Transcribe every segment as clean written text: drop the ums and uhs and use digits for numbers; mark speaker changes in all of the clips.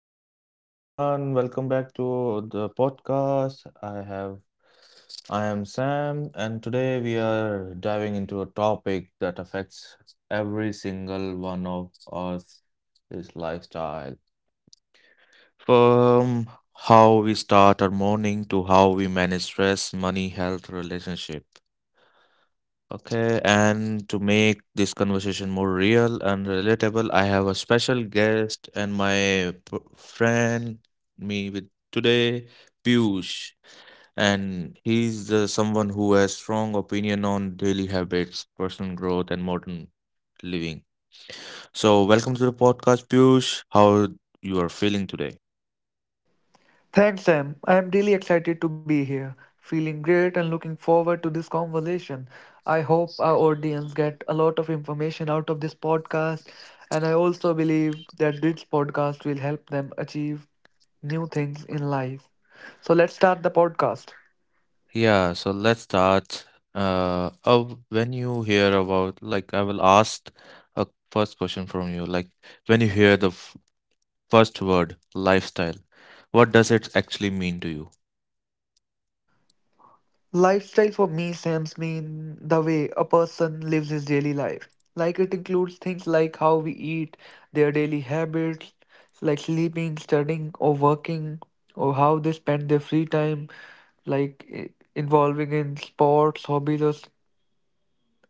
Speaker 1: hello, hello, hello, everyone. Welcome back to the podcast. I am Sam, and today we are diving into a topic that affects every single one of us, is lifestyle. From how we start our morning to how we manage stress, money, health, relationship. Okay, and to make this conversation more real and relatable, I have a special guest and my friend me with today, Piyush, and he's the someone who has strong opinion on daily habits, personal growth, and modern living. So, welcome to the podcast, Piyush. How you are feeling today?
Speaker 2: Thanks, Sam. I am really excited to be here, feeling great and looking forward to this conversation. I hope our audience get a lot of information out of this podcast, and I also believe that this podcast will help them achieve new things in life. So let's start the podcast.
Speaker 1: Yeah, so let's start. Oh, when you hear about, like, I will ask a first question from you. Like, when you hear the first word, lifestyle, what does it actually mean to
Speaker 2: Lifestyle for me, Sam's mean the way a person lives his daily life. Like it includes things like how we eat, their daily habits, like sleeping, studying, or working, or how they spend their free time, like involving in sports, hobbies, or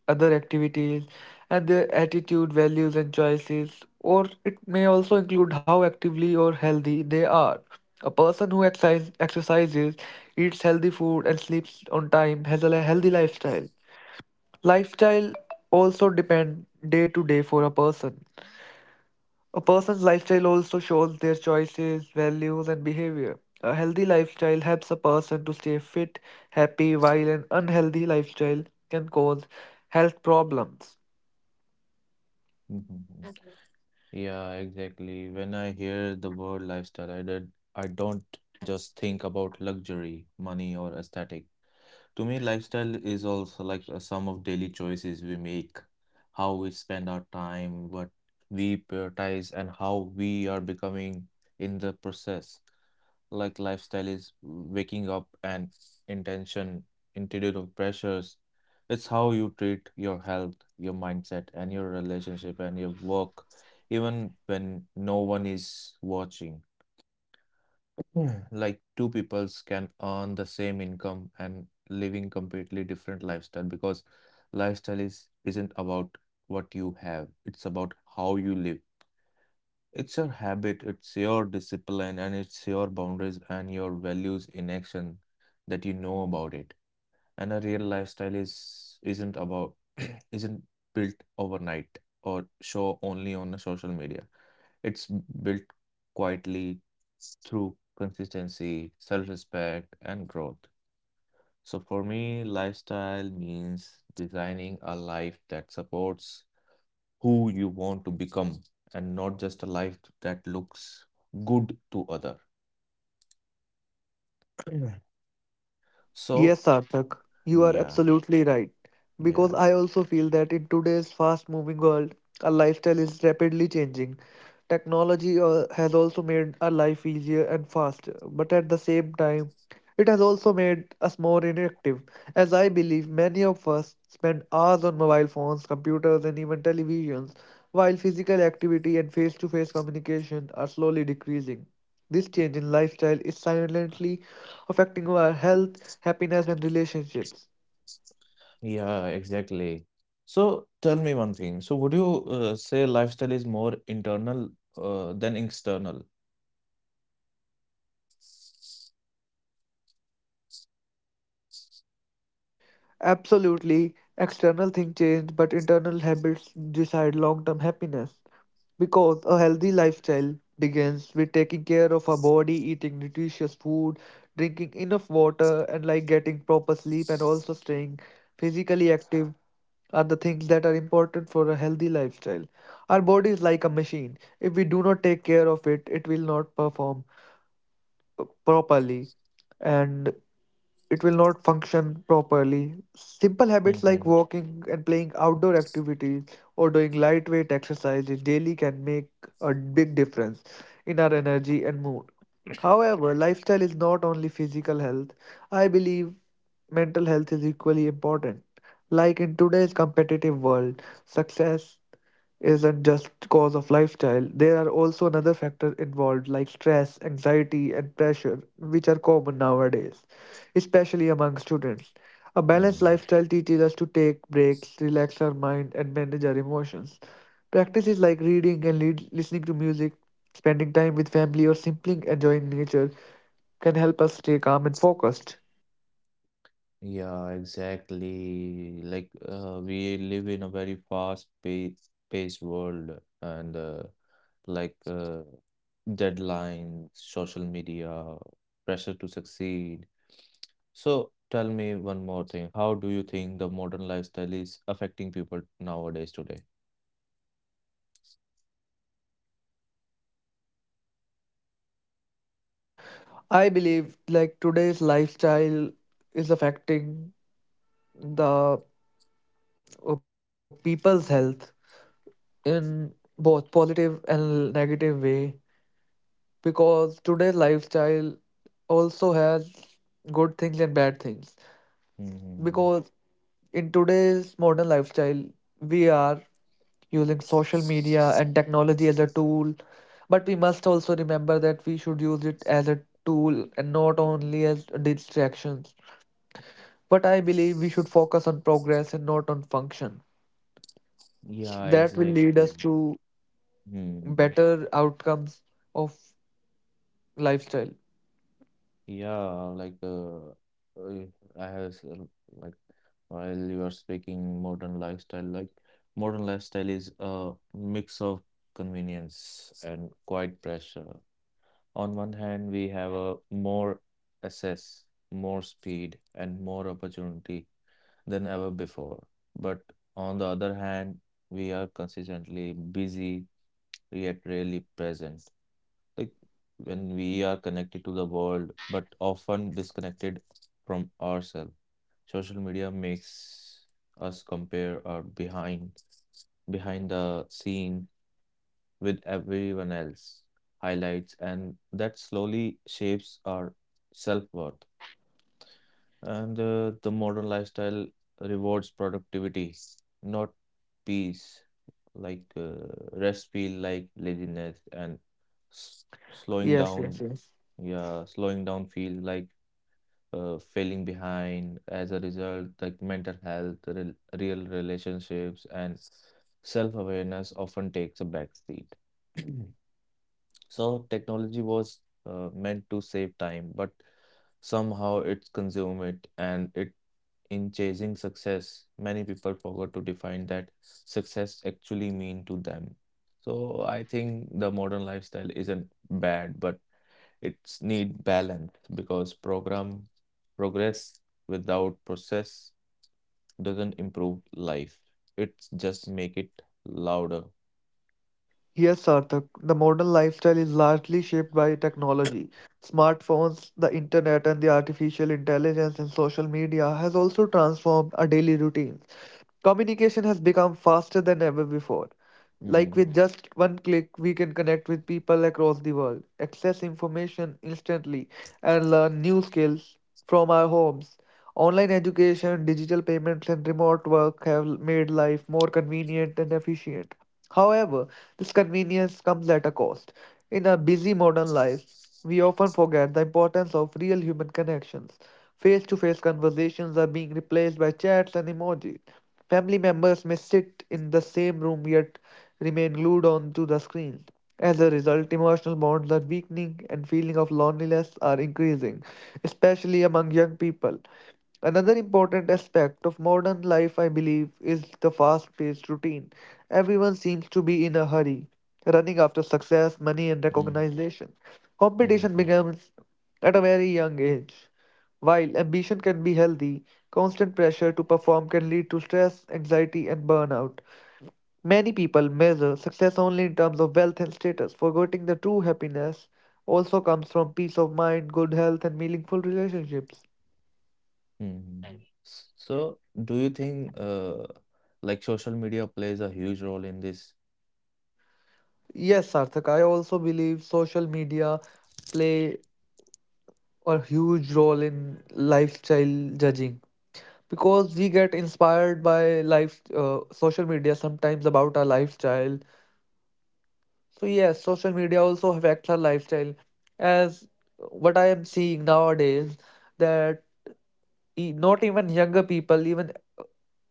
Speaker 2: other activities, and their attitude, values, and choices, or it may also include how actively or healthy they are. A person who exercises, eats healthy food, and sleeps on time has a healthy lifestyle. Lifestyle also depend day to day for a person. A person's lifestyle also shows their choices, values, and behavior. A healthy lifestyle helps a person to stay fit, happy, while an unhealthy lifestyle can cause health problems.
Speaker 1: you? Yeah, exactly. When I hear the word lifestyle, I don't just think about luxury, money, or aesthetic. To me, lifestyle is also like a sum of daily choices we make, how we spend our time, what we prioritize, and how we are becoming in the process like lifestyle is waking up and intention, interior pressures. It's how you treat your health, your mindset, and your relationship and your work, even when no one is watching. Yeah. Like two peoples can earn the same income and living completely different lifestyle because lifestyle is isn't about what you have, it's about how you live. It's your habit, it's your discipline, and it's your boundaries and your values in action that you know about it. And a real lifestyle is isn't about isn't built overnight or show only on the social media. It's built quietly through consistency, self-respect, and growth. So for me, lifestyle means designing a life that supports who you want to become and not just a life that looks good to other. So,
Speaker 2: Yes, Sarthak, you are
Speaker 1: yeah,
Speaker 2: absolutely right. Because
Speaker 1: yes.
Speaker 2: I also feel that in today's fast moving world, our lifestyle is rapidly changing. Technology has also made our life easier and faster, but at the same time, it has also made us more inactive. As I believe many of us spend hours on mobile phones, computers, and even televisions, while physical activity and face to face communication are slowly decreasing. This change in lifestyle is silently affecting our health happiness, and relationships.
Speaker 1: Yeah, exactly. So tell me one thing. So would you say lifestyle is more internal than external?
Speaker 2: Absolutely, external things change, but internal habits decide long term happiness. Because a healthy lifestyle begins with taking care of our body, eating nutritious food, drinking enough water, and like getting proper sleep and also staying physically active are the things that are important for a healthy lifestyle. Our body is like a machine. If we do not take care of it, it will not perform properly and it will not function properly. Simple habits
Speaker 1: Mm-hmm.
Speaker 2: like walking and playing outdoor activities or doing lightweight exercises daily can make a big difference in our energy and mood. However, lifestyle is not only physical health. I believe mental health is equally important. Like in today's competitive world, success isn't just cause of lifestyle. There are also another factor involved like stress, anxiety and pressure, which are common nowadays, especially among students. A balanced
Speaker 1: Mm.
Speaker 2: lifestyle teaches us to take breaks, relax our mind and manage our emotions. Practice is like reading and listening to music, spending time with family, or simply enjoying nature can help us stay calm and focused.
Speaker 1: Yeah, exactly. Like we live in a very fast pace paced world and like uh, deadlines, social media, pressure to succeed. So tell me one more thing. How do you think the modern lifestyle is affecting people nowadays today?
Speaker 2: I believe like today's lifestyle is affecting the people's health in both positive and negative way because today's lifestyle also has good things and bad things
Speaker 1: Hmm.
Speaker 2: because in today's modern lifestyle we are using social media and technology as a tool. But we must also remember that we should use it as a tool and not only as distractions. But I believe we should focus on progress and not on function.
Speaker 1: Yeah,
Speaker 2: That will lead
Speaker 1: exactly.
Speaker 2: us to
Speaker 1: Hmm.
Speaker 2: better outcomes of lifestyle.
Speaker 1: Yeah, like uh, I have s- like while you are speaking modern lifestyle, like modern lifestyle is a mix of convenience and quiet pressure. On one hand, we have a more access, more speed, and more opportunity than ever before. But on the other hand, we are consistently busy yet rarely present like when we are connected to the world but often disconnected from ourselves social media makes us compare our behind the scene with everyone else highlights and that slowly shapes our self-worth and the modern lifestyle rewards productivity, not peace. Like rest feel like laziness and s slowing
Speaker 2: Yes,
Speaker 1: down.
Speaker 2: yes, yes.
Speaker 1: Yeah, slowing down feel like failing behind. As a result, like mental health, rel real relationships, and self-awareness often takes a back seat. So technology was meant to save time, but somehow it's consumed it and it in chasing success, many people forgot to define that success actually mean to them. So I think the modern lifestyle isn't bad, but it's need balance because program progress without process doesn't improve life. It's just make it louder.
Speaker 2: Yes, Sarthak. The modern lifestyle is largely shaped by technology. Smartphones, the internet, and the artificial intelligence in social media has also transformed our daily routines. Communication has become faster than ever before.
Speaker 1: Mm,
Speaker 2: Like with just one click, we can connect with people across the world, access information instantly, and learn new skills from our homes. Online education, digital payments, and remote work have made life more convenient and efficient. However, this convenience comes at a cost. In our busy modern lives, we often forget the importance of real human connections. Face to face conversations are being replaced by chats and emojis. Family members may sit in the same room yet remain glued on to the screen. As a result, emotional bonds are weakening and feeling of loneliness are increasing, especially among young people. Another important aspect of modern life, I believe, is the fast-paced routine. Everyone seems to be in a hurry, running after success, money, and
Speaker 1: mm,
Speaker 2: recognition.
Speaker 1: mm, mm,
Speaker 2: Competition
Speaker 1: mm,
Speaker 2: begins at a very young age while ambition can be healthy, constant pressure to perform can lead to stress, anxiety, and burnout. Many people measure success only in terms of wealth and status, forgetting the true happiness also comes from peace of mind, good health, and meaningful relationships.
Speaker 1: mm. So do you think social media plays a huge role in this?
Speaker 2: Yes, Sarthak, I also believe social media play a huge role in lifestyle judging because we get inspired by life social media sometimes about our lifestyle. So yes, social media also affects our lifestyle. As what I am seeing nowadays, that not even younger people, even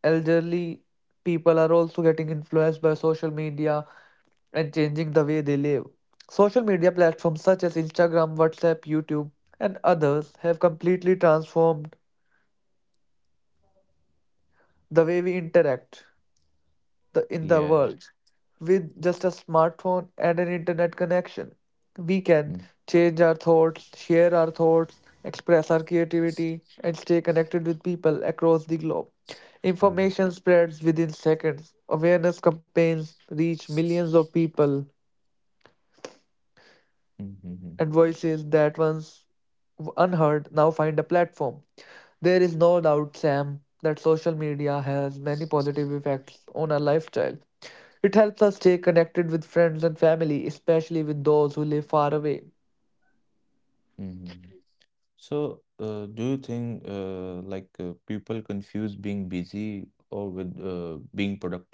Speaker 2: elderly people are also getting influenced by social media and changing the way they live. Social media platforms such as Instagram, WhatsApp, YouTube, and others have completely transformed the way we interact in
Speaker 1: Yeah.
Speaker 2: the world. With just a smartphone and an internet connection, we
Speaker 1: Mm,
Speaker 2: can share our thoughts, express our creativity, and stay connected with people across the globe.
Speaker 1: mhm.
Speaker 2: Information spreads within seconds. Awareness campaigns reach millions of people
Speaker 1: Mm-hmm.
Speaker 2: and is that once unheard now find a platform. There is no doubt, Sam, that social media has many positive effects on our lifestyle. It helps us stay connected with friends and family, especially with those who live far away.
Speaker 1: Mm-hmm. So, do you think people confuse being busy or with being productive?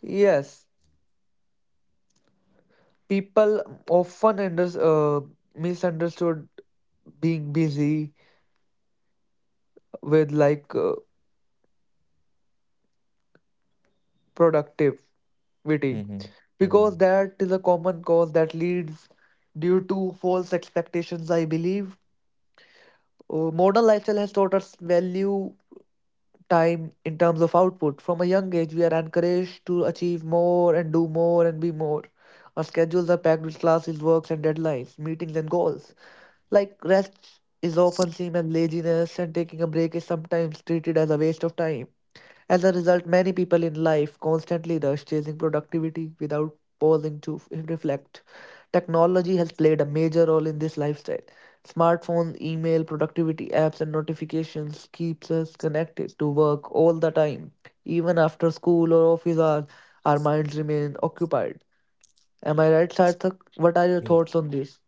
Speaker 2: Yes, people often misunderstood being busy with productivity
Speaker 1: Mm-hmm. Mm-hmm.
Speaker 2: because that is a common cause that leads due to false expectations I believe. Modern lifestyle has taught us value time in terms of output from a young age we are encouraged to achieve more and do more and be more. Our schedules are packed with classes works and deadlines meetings and goals, like rest is often seen as laziness and taking a break is sometimes treated as a waste of time. As a result, many people in life constantly rush, chasing productivity without pausing to reflect. Technology has played a major role in this lifestyle. Smartphones, email, productivity apps, and notifications keeps us connected to work all the time. Even after school or office hours, our minds remain occupied. Am I right, Sarthak? What are your thoughts on this?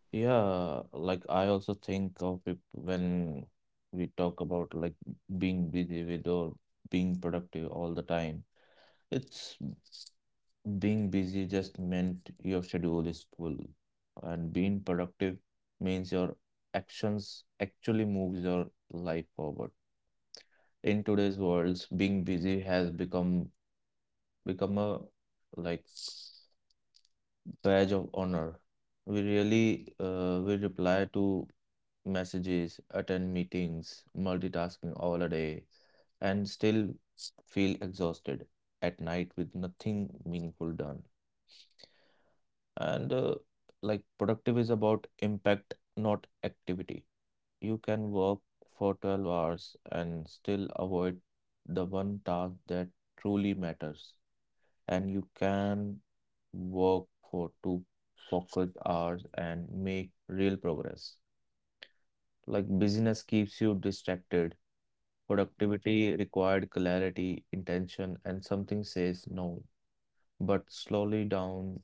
Speaker 1: Yeah, like I also think of it when we talk about like being busy with or being productive all the time. It's being busy just meant your schedule is full, and being productive means your actions actually moves your life forward. In today's world, being busy has become a like badge of honor. We reply to messages, attend meetings, multitasking all a day, and still feel exhausted at night with nothing meaningful done. And like productive is about impact, not activity. You can work for 12 hours and still avoid the one task that truly matters and you can work for two focus hours and make real progress. Like business keeps you distracted. Productivity required clarity, intention, and something says no. But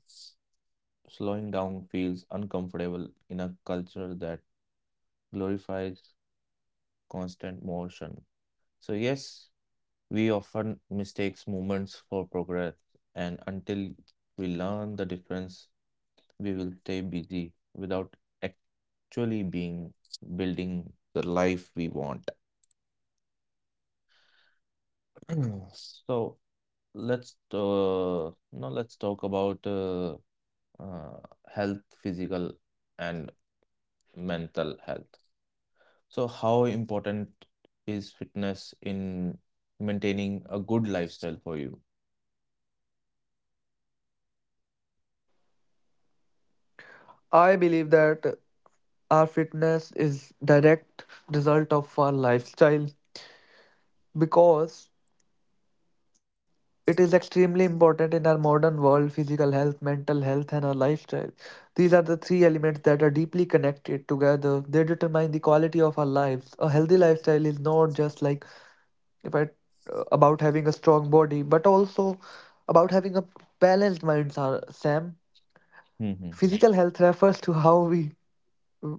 Speaker 1: slowing down feels uncomfortable in a culture that glorifies constant motion. So yes, we often mistakes moments for progress, and until we learn the difference we will stay busy without actually being building the life we want. So let's now let's talk about uh, health, physical and mental health. So how important is fitness in maintaining a good lifestyle for you?
Speaker 2: I believe that our fitness is direct result of our lifestyle because it is extremely important in our modern world physical health, mental health, and our lifestyle. These are the three elements that are deeply connected together. They determine the quality of our lives. A healthy lifestyle is not just like if I, about having a strong body, but also about having a balanced mind, Sam.
Speaker 1: Mm-hmm.
Speaker 2: Physical health refers to how we uh,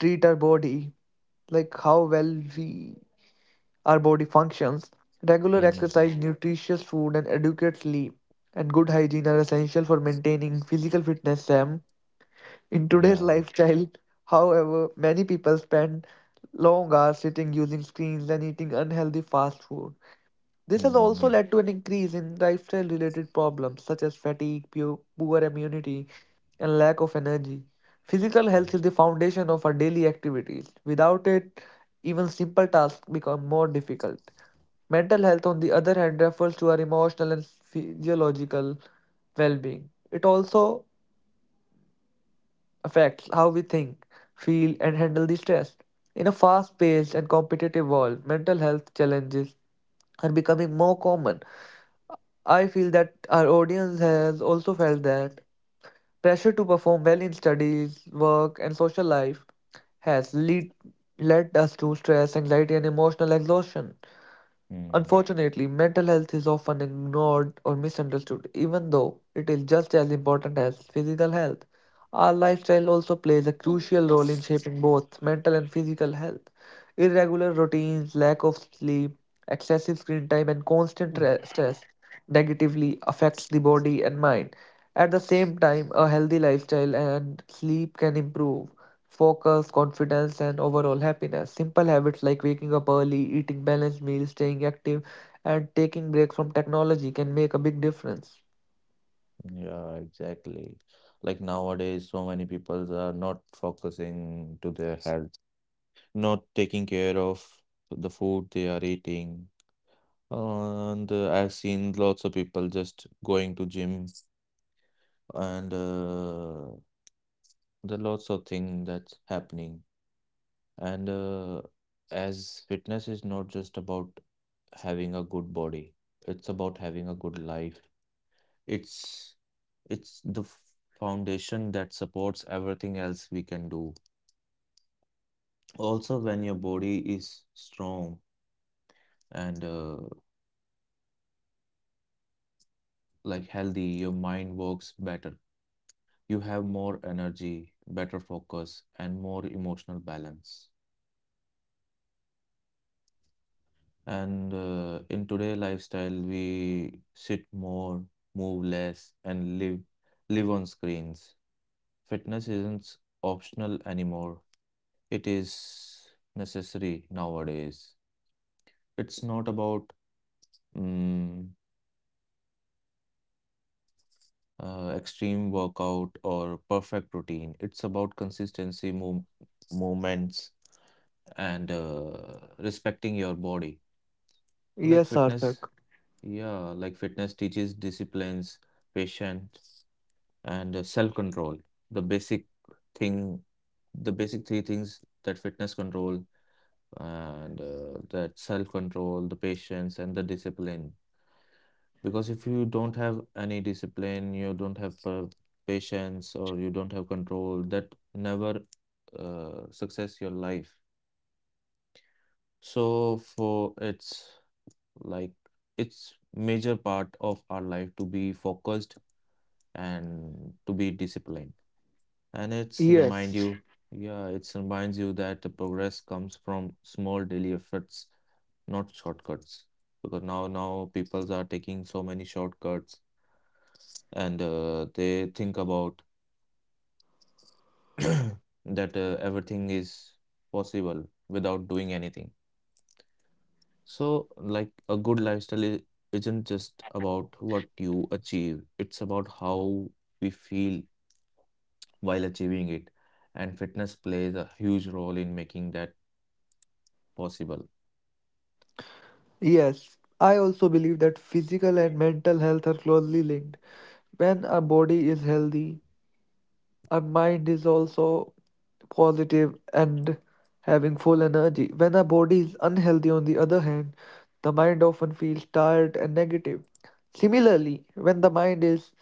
Speaker 2: treat our body, like how well we our body functions. Regular
Speaker 1: Mm-hmm.
Speaker 2: exercise, nutritious food, and adequate sleep and good hygiene are essential for maintaining physical fitness, Sam. In today's
Speaker 1: Yeah.
Speaker 2: lifestyle, however, many people spend long hours sitting using screens and eating unhealthy fast food. This has also
Speaker 1: Mm-hmm.
Speaker 2: led to an increase in lifestyle related problems such as fatigue, poor immunity, and lack of energy. Physical health is the foundation of our daily activities. Without it, even simple tasks become more difficult. Mental health, on the other hand, refers to our emotional and physiological well being. It also affects how we think, feel, and handle the stress. In a fast paced and competitive world, mental health challenges are becoming more common. I feel that our audience has also felt that pressure to perform well in studies, work, and social life has led us to stress, anxiety, and emotional exhaustion. Unfortunately, mental health is often ignored or misunderstood, even though it is just as important as physical health. Our lifestyle also plays a
Speaker 1: Mm-hmm.
Speaker 2: crucial role in shaping both mental and physical health. Irregular routines, lack of sleep, excessive screen time, and constant stress negatively affects the body and mind. At the same time, a healthy lifestyle and sleep can improve focus, confidence, and overall happiness. Simple habits like waking up early, eating balanced meals, staying active, and taking breaks from technology can make a big difference.
Speaker 1: Yeah, exactly. Like nowadays, so many people are not focusing to their health, not taking care of the food they are eating. And I've seen lots of people just going to gym and there are lots of things that's happening. And as fitness is not just about having a good body, it's about having a good life. It's it's the foundation that supports everything else we can do. Also, when your body is strong and like healthy, your mind works better. You have more energy, better focus, and more emotional balance. And in today lifestyle, we sit more, move less, and live on screens. Fitness isn't optional anymore. It is necessary nowadays. It's not about mm, extreme workout or perfect routine. It's about consistency, moments, and respecting your body.
Speaker 2: Yes,
Speaker 1: Like
Speaker 2: Sarthak.
Speaker 1: fitness, yeah, like fitness teaches disciplines, patience, and self-control. The basic thing, the basic three things that fitness control and that self-control, the patience, and the discipline. Because if you don't have any discipline, you don't have patience, or you don't have control, that never success your life. So for it's like it's major part of our life to be focused and to be disciplined. And
Speaker 2: Yes.
Speaker 1: yeah, it reminds you that the progress comes from small daily efforts, not shortcuts. Because now people are taking so many shortcuts and they think about that everything is possible without doing anything. So, like a good isn't just about what you achieve, it's about how we feel while achieving it. And fitness plays a huge role in making that possible.
Speaker 2: Yes. I also believe that physical and mental health are closely linked. When our body is healthy, our mind is also positive and having full energy. When our body is unhealthy, on the other hand, the mind often feels tired and negative. Similarly, when the mind is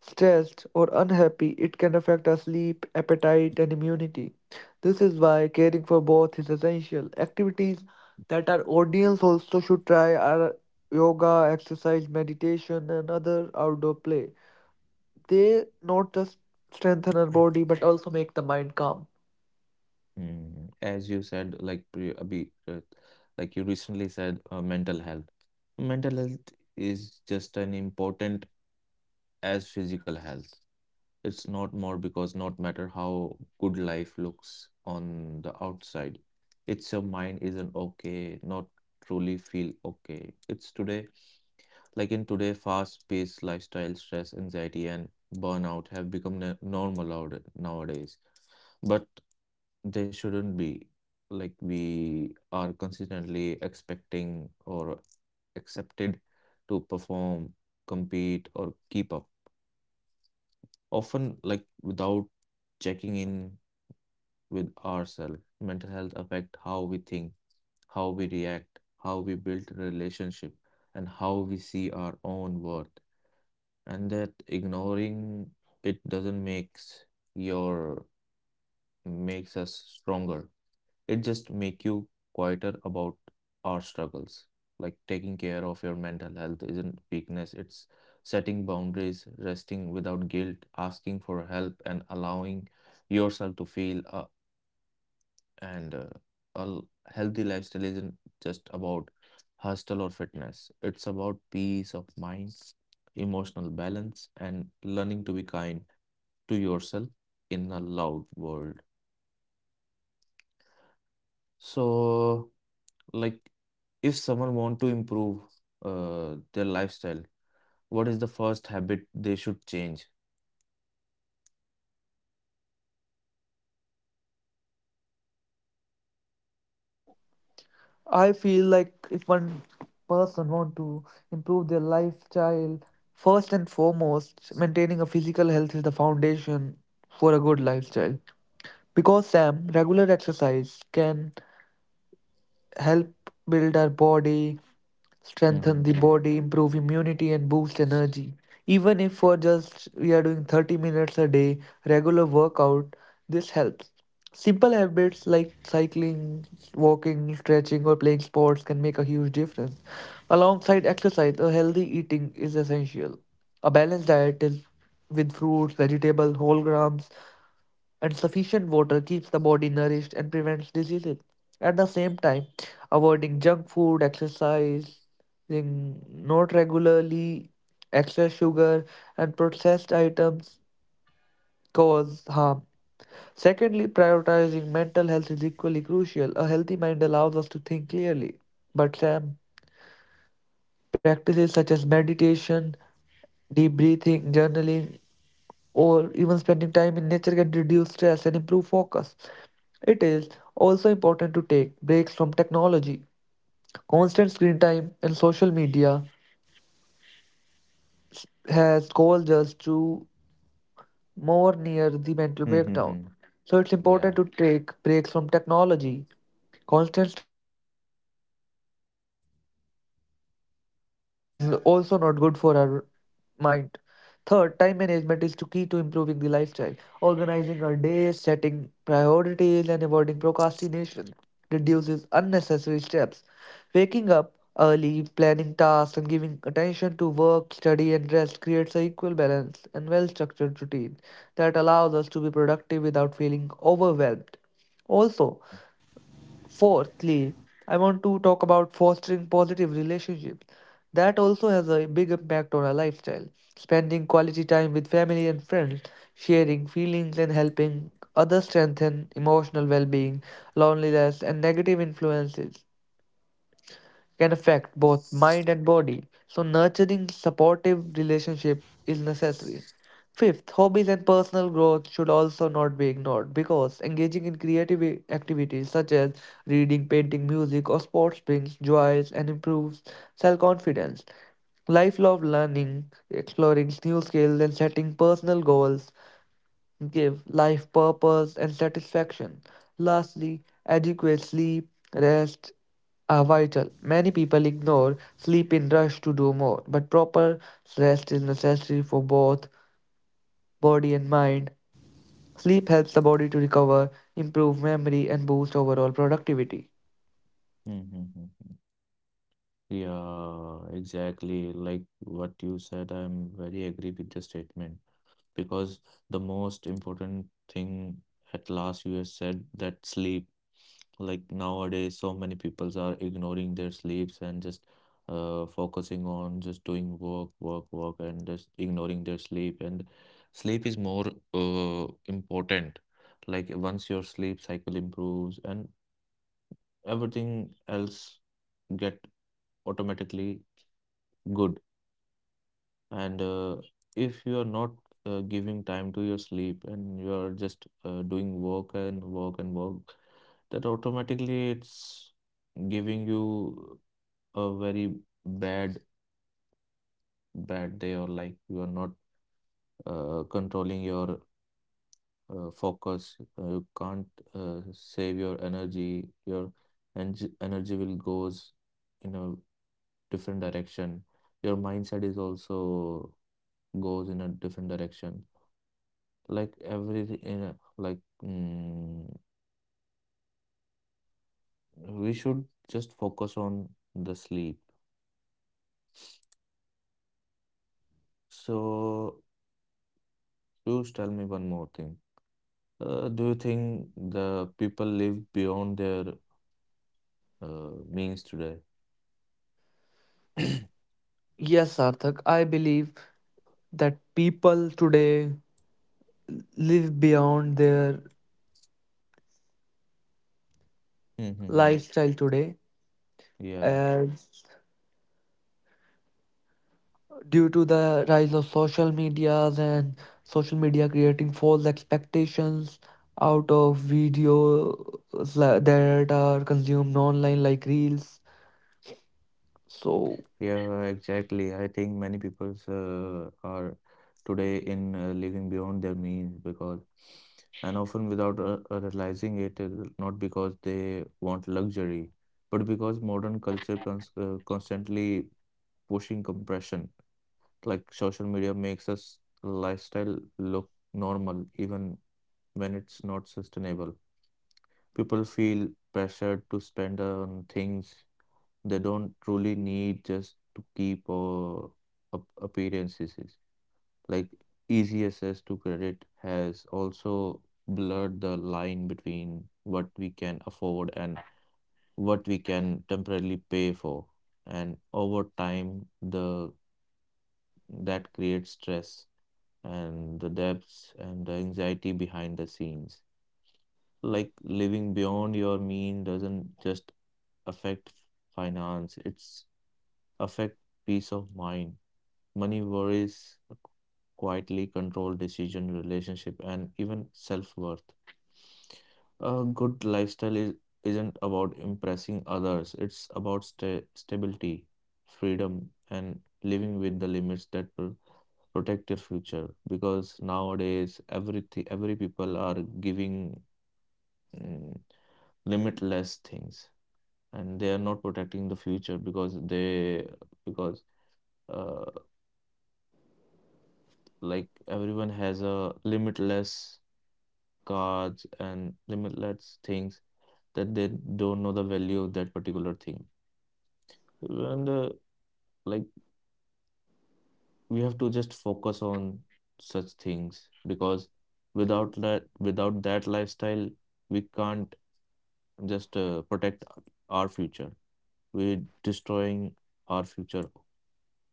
Speaker 2: stressed or unhappy, it can affect our sleep, appetite, and immunity. This is why caring for both is essential. Activities that our audience also should try are yoga, exercise, meditation, and other outdoor play. They not just strengthen our body but also make the mind calm.
Speaker 1: Mm, as you said, like you recently said, mental health. Mental health is just as important as physical health. It's not more because not matter how good life looks on the outside, it's your mind isn't okay, not truly feel okay. Like in today, fast-paced lifestyle, stress, anxiety, and burnout have become normal out nowadays. But they shouldn't be. Like we are consistently expecting or accepted to perform, compete, or keep up. Often, like without checking in with ourselves. Mental health affect how we think, how we react, how we build relationship, and how we see our own worth. And that ignoring it doesn't makes your makes us stronger. It just make you quieter about our struggles. Like taking care of your mental health isn't weakness, it's setting boundaries, resting without guilt, asking for help, and allowing yourself to feel and a healthy lifestyle isn't just about hustle or fitness. It's about peace of mind, emotional balance, and learning to be kind to yourself in a loud world. So, like, if someone want to improve their lifestyle, what is the first habit they should change?
Speaker 2: I feel like if one person want to improve their lifestyle, first and foremost, maintaining a physical health is the foundation for a good lifestyle. Because Sam, regular exercise can help build our body, strengthen the
Speaker 1: Mm-hmm.
Speaker 2: body, improve immunity, and boost energy. Even if for just we are doing 30 minutes a day, regular workout, this helps. Simple habits like cycling, walking, stretching, or playing sports can make a huge difference. Alongside exercise, a healthy eating is essential. A balanced diet is with fruits, vegetables, whole grams, and sufficient water keeps the body nourished and prevents diseases. At the same time, avoiding junk food, exercise, thing- not regularly, excess sugar, and processed items cause harm. Secondly, prioritizing mental health is equally crucial. A healthy mind allows us to think clearly. But Sam, practices such as meditation, deep breathing, journaling, or even spending time in nature can reduce stress and improve focus. It is also important to take breaks from technology. Constant screen time and social media has caused us to more near the mental breakdown.
Speaker 1: Mm-hmm.
Speaker 2: So it's important
Speaker 1: Yeah.
Speaker 2: to take breaks from technology. Constant screen time is also not good for our mind. Third, time management is the key to improving the lifestyle. Organizing our days, setting priorities, and avoiding procrastination reduces unnecessary steps. Waking up early, planning tasks, and giving attention to work, study, and rest creates an equal balance and well structured routine that allows us to be productive without feeling overwhelmed. Also, fourthly, I want to talk about fostering positive relationships. That also has a big impact on our lifestyle. Spending quality time with family and friends, sharing feelings and helping others strengthen emotional well being, loneliness, and negative influences can affect both mind and body. So, nurturing supportive relationship is necessary. Fifth, hobbies and personal growth should also not be ignored because engaging in activities such as reading, painting, music, or sports brings joys and improves self confidence. Lifelong learning, exploring new skills, and setting personal goals give life purpose and satisfaction. Lastly, adequate sleep, rest are vital. Many people ignore sleep in rush to do more, but proper rest is necessary for both body and mind. Sleep helps the body to recover, improve memory, and boost overall productivity.
Speaker 1: Mm-hmm. Yeah, exactly. Like what you said, I'm very agree with the statement. Because the most important thing at last you have said that sleep. Like nowadays, so many people are ignoring their sleeps and just focusing on just doing work, work, work, and just ignoring their sleep. And sleep is more important. Like once your sleep cycle improves and everything else get automatically good. And if you are not giving time to your sleep and you are just doing work and work and work, that automatically it's giving you a very bad, bad day, or like you are not controlling your focus. You can't save your energy. Your en energy will goes in a different direction. Your mindset is also goes in a different direction. Like every in a- like mm, we should just focus on the sleep. So you tell me one more thing. Do you think the people live beyond their means today?
Speaker 2: Yes, Sarthak, I believe that people today live beyond their
Speaker 1: Mm-hmm.
Speaker 2: lifestyle today,
Speaker 1: Yeah.
Speaker 2: as due to the rise of social medias and social media creating false expectations out of videos that are consumed online like reels, so
Speaker 1: Yeah, exactly. I think many people are today in living beyond their means because, and often without realizing it, not because they want luxury, but because modern culture constantly pushing compression. Like social media makes us lifestyle look normal, even when it's not sustainable. People feel pressured to spend on things they don't truly need just to keep up appearances. Like easy access to credit has also blurred the line between what we can afford and what we can temporarily pay for. And over time, the that creates stress and the depths and the anxiety behind the scenes. Like living beyond your mean doesn't just affect finance, it's affect peace of mind. Money worries quietly control decision, relationship, and even self worth. A good lifestyle isn't about impressing others, it's about stability, freedom, and living with the limits that will protect your future. Because nowadays, everything, every people are giving mm, limitless things, and they are not protecting the future because they because uh, like everyone has a limitless cards and limitless things that they don't know the value of that particular thing. And like we have to just focus on such things because without that lifestyle, we can't just protect our future. We're destroying our future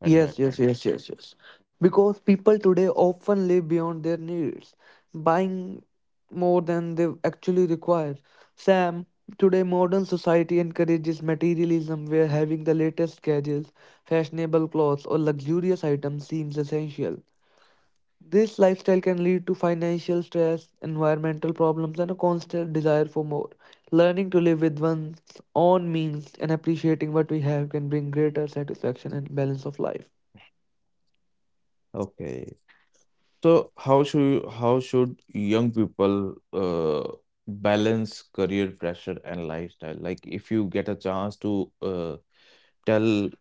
Speaker 1: at
Speaker 2: yes,
Speaker 1: that
Speaker 2: yes,
Speaker 1: time.
Speaker 2: yes, yes, yes, because people today often live beyond their needs, buying more than they actually require. Sam, today modern society encourages materialism where having the latest gadgets, fashionable clothes, or luxurious items seems essential. This lifestyle can lead to financial stress, environmental problems, and a constant desire for more. Learning to live with one's own means and appreciating what we have can bring greater satisfaction and balance of life.
Speaker 1: Okay. So how should young people uh, balance career pressure and lifestyle? Like if you get a chance to tell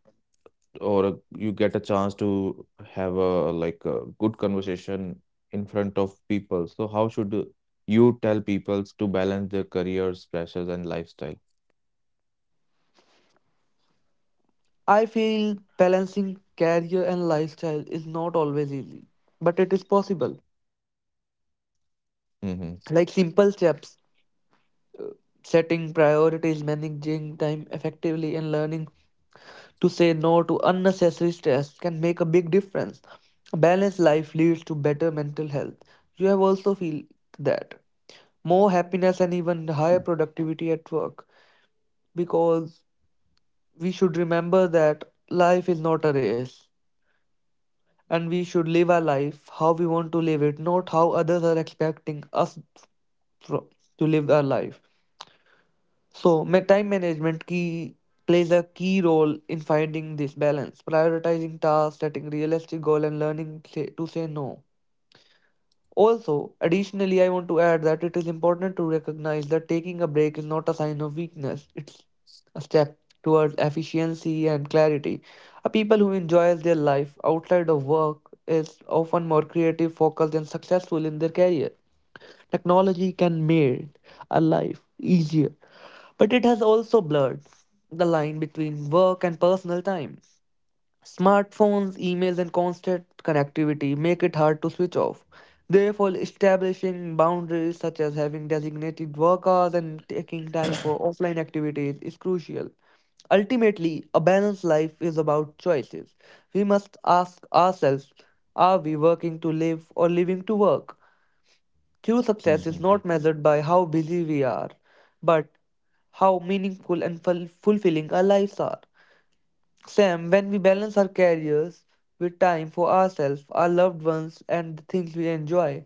Speaker 1: or you get a chance to have a like a good conversation in front of people. So how should you tell people to balance their careers, pressures, and lifestyle?
Speaker 2: I feel balancing career and lifestyle is not always easy, but it is possible.
Speaker 1: Hmm.
Speaker 2: Like simple steps, setting priorities, managing time effectively, and learning to say no to unnecessary stress can make a big difference. A balanced life leads to better mental health. You have also feel that more happiness and even higher productivity at work, because we should remember that life is not a race, and we should live our life how we want to live it, not how others are expecting us fro- to live our life. So, time management key plays a key role in finding this balance, prioritizing tasks, setting realistic goal, and learning to say no. Also, additionally, I want to add that it is important to recognize that taking a break is not a sign of weakness. It's a step towards efficiency and clarity. A people who enjoys their life outside of work is often more creative, focused, and successful in their career. Technology can make a life easier, but it has also blurred the line between work and personal time. Smartphones, emails, and constant connectivity make it hard to switch off. Therefore, establishing boundaries such as having designated work hours and taking time for offline activities is crucial. Ultimately, a balanced life is about choices. We must ask ourselves, are we working to live or living to work? True success is
Speaker 1: Mm-hmm.
Speaker 2: not measured by how busy we are, but how meaningful and fulfilling our lives are. Sam, when we balance our careers with time for ourselves, our loved ones, and the things we enjoy,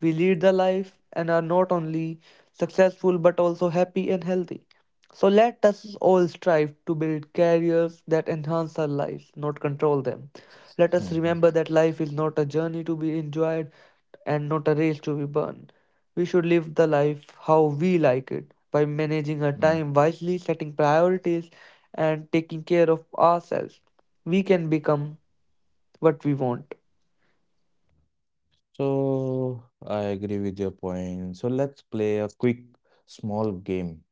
Speaker 2: we lead the life and are not only successful but also happy and healthy. So let us all strive to build careers that enhance our lives, not control them. Let us
Speaker 1: Mm-hmm.
Speaker 2: remember that life is not a journey to be enjoyed and not a race to be burned. We should live the life how we like it by managing our
Speaker 1: Mm.
Speaker 2: time wisely, setting priorities, and taking care of ourselves. We can become what we want.
Speaker 1: So I agree with your point. So let's play a quick small game.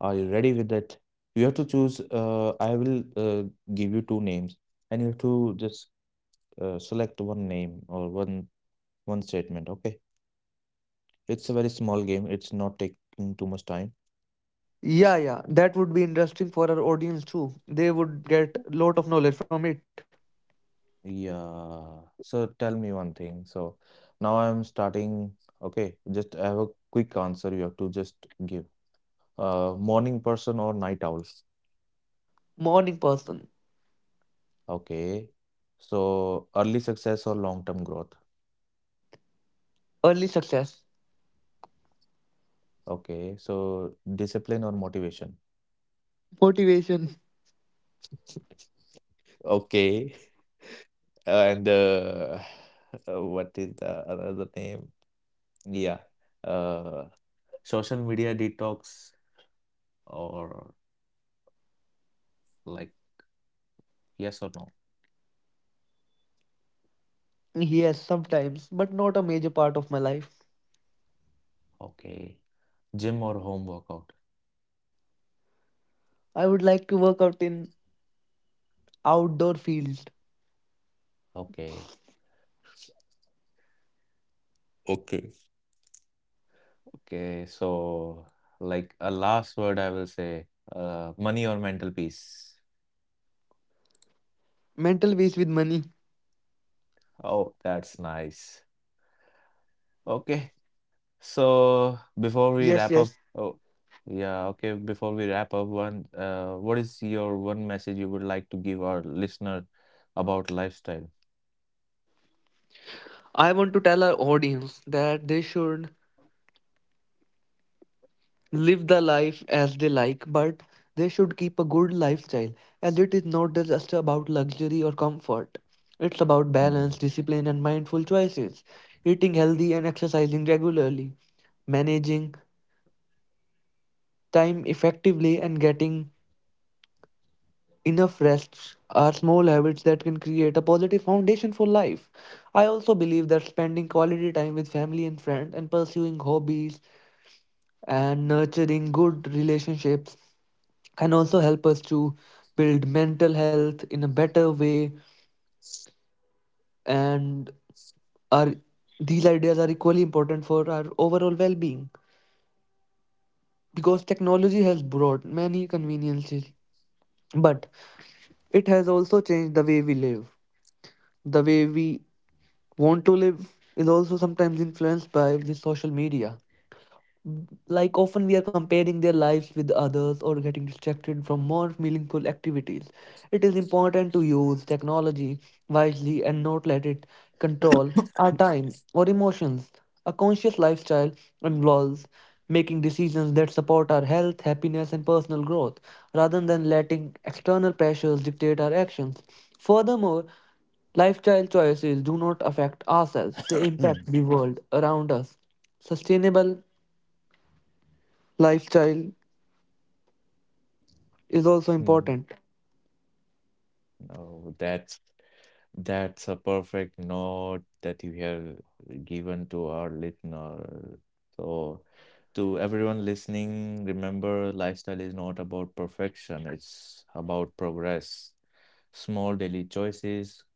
Speaker 1: Are you ready with that? You have to choose. I will give you two names, and you have to just select one name or one statement. Okay. It's a very small game. It's not taking too much time.
Speaker 2: Yeah, yeah, that would be interesting for our audience too. They would get lot of knowledge from it.
Speaker 1: Yeah. So tell me one thing. So now I'm starting. Okay, just I have a quick answer you have to just give. Morning person or night owl?
Speaker 2: Morning person,
Speaker 1: Okay. So early success or long-term growth?
Speaker 2: early success,
Speaker 1: Okay. So discipline or motivation?
Speaker 2: motivation.
Speaker 1: Okay. And what is the another name? Yeah. Uh, social media detox or Like, yes or no?
Speaker 2: Yes, sometimes, but not a major part of my life.
Speaker 1: Okay. Gym or home workout?
Speaker 2: I would like to work out in outdoor fields.
Speaker 1: Okay. Okay. Okay. So, like, a last word I will say, money or mental peace?
Speaker 2: Mental waste with money.
Speaker 1: Oh, that's nice. Okay. So, before we
Speaker 2: Yes,
Speaker 1: wrap up,
Speaker 2: yes.
Speaker 1: oh, yeah, okay. Before we wrap up, one, what is your one message you would like to give our listener about lifestyle?
Speaker 2: I want to tell our audience that they should live the life as they like, but they should keep a good lifestyle, as it is not just about luxury or comfort. It's about
Speaker 1: Hmm.
Speaker 2: balance, discipline, and mindful choices, eating healthy and exercising regularly, managing time effectively, and getting enough rest are small habits that can create a positive foundation for life. I also believe that spending quality time with family and friends and pursuing hobbies and nurturing good relationships can also help us to build mental health in a better way, and are these ideas are equally important for our overall well-being, because technology has brought many conveniences but it has also changed the way we live. The way we want to live is also sometimes influenced by the social media. Like often we are comparing their lives with others or getting distracted from more meaningful activities. It is important to use technology wisely and not let it control our time or emotions. A conscious lifestyle involves making decisions that support our health, happiness, and personal growth rather than letting external pressures dictate our actions. Furthermore, lifestyle choices do not affect ourselves, they impact the world around us. Sustainable lifestyle is also
Speaker 1: Hmm.
Speaker 2: important.
Speaker 1: Oh, that's a perfect note that you have given to our listener. So, to everyone listening, remember lifestyle is not about perfection, it's about progress. Small daily choices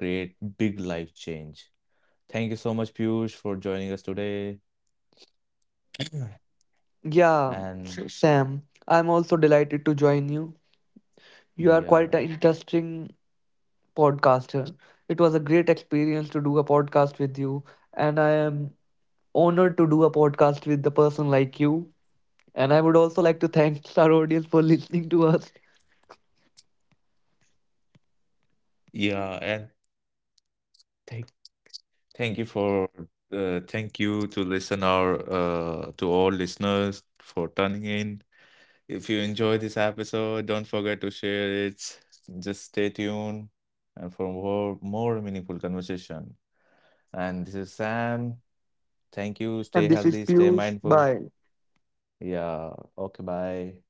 Speaker 1: create big life change. Thank you so much, Piyush, for joining us today.
Speaker 2: Yeah,
Speaker 1: And
Speaker 2: Sam, I'm also delighted to join you. You are quite an
Speaker 1: yeah,
Speaker 2: interesting podcaster. It was a great experience to do a podcast with you, and I am honored to do a podcast with a person like you. And I would also like to thank our audience for listening to us.
Speaker 1: yeah, and thank thank you for thank you to listen our to all listeners for tuning in. If you enjoy this episode, don't forget to share it. Just stay tuned and for more meaningful conversation. And this is Sam. Thank you.
Speaker 2: And
Speaker 1: Stay
Speaker 2: this is
Speaker 1: healthy, stay
Speaker 2: Piyush.
Speaker 1: mindful.
Speaker 2: Bye.
Speaker 1: Yeah. Okay, bye.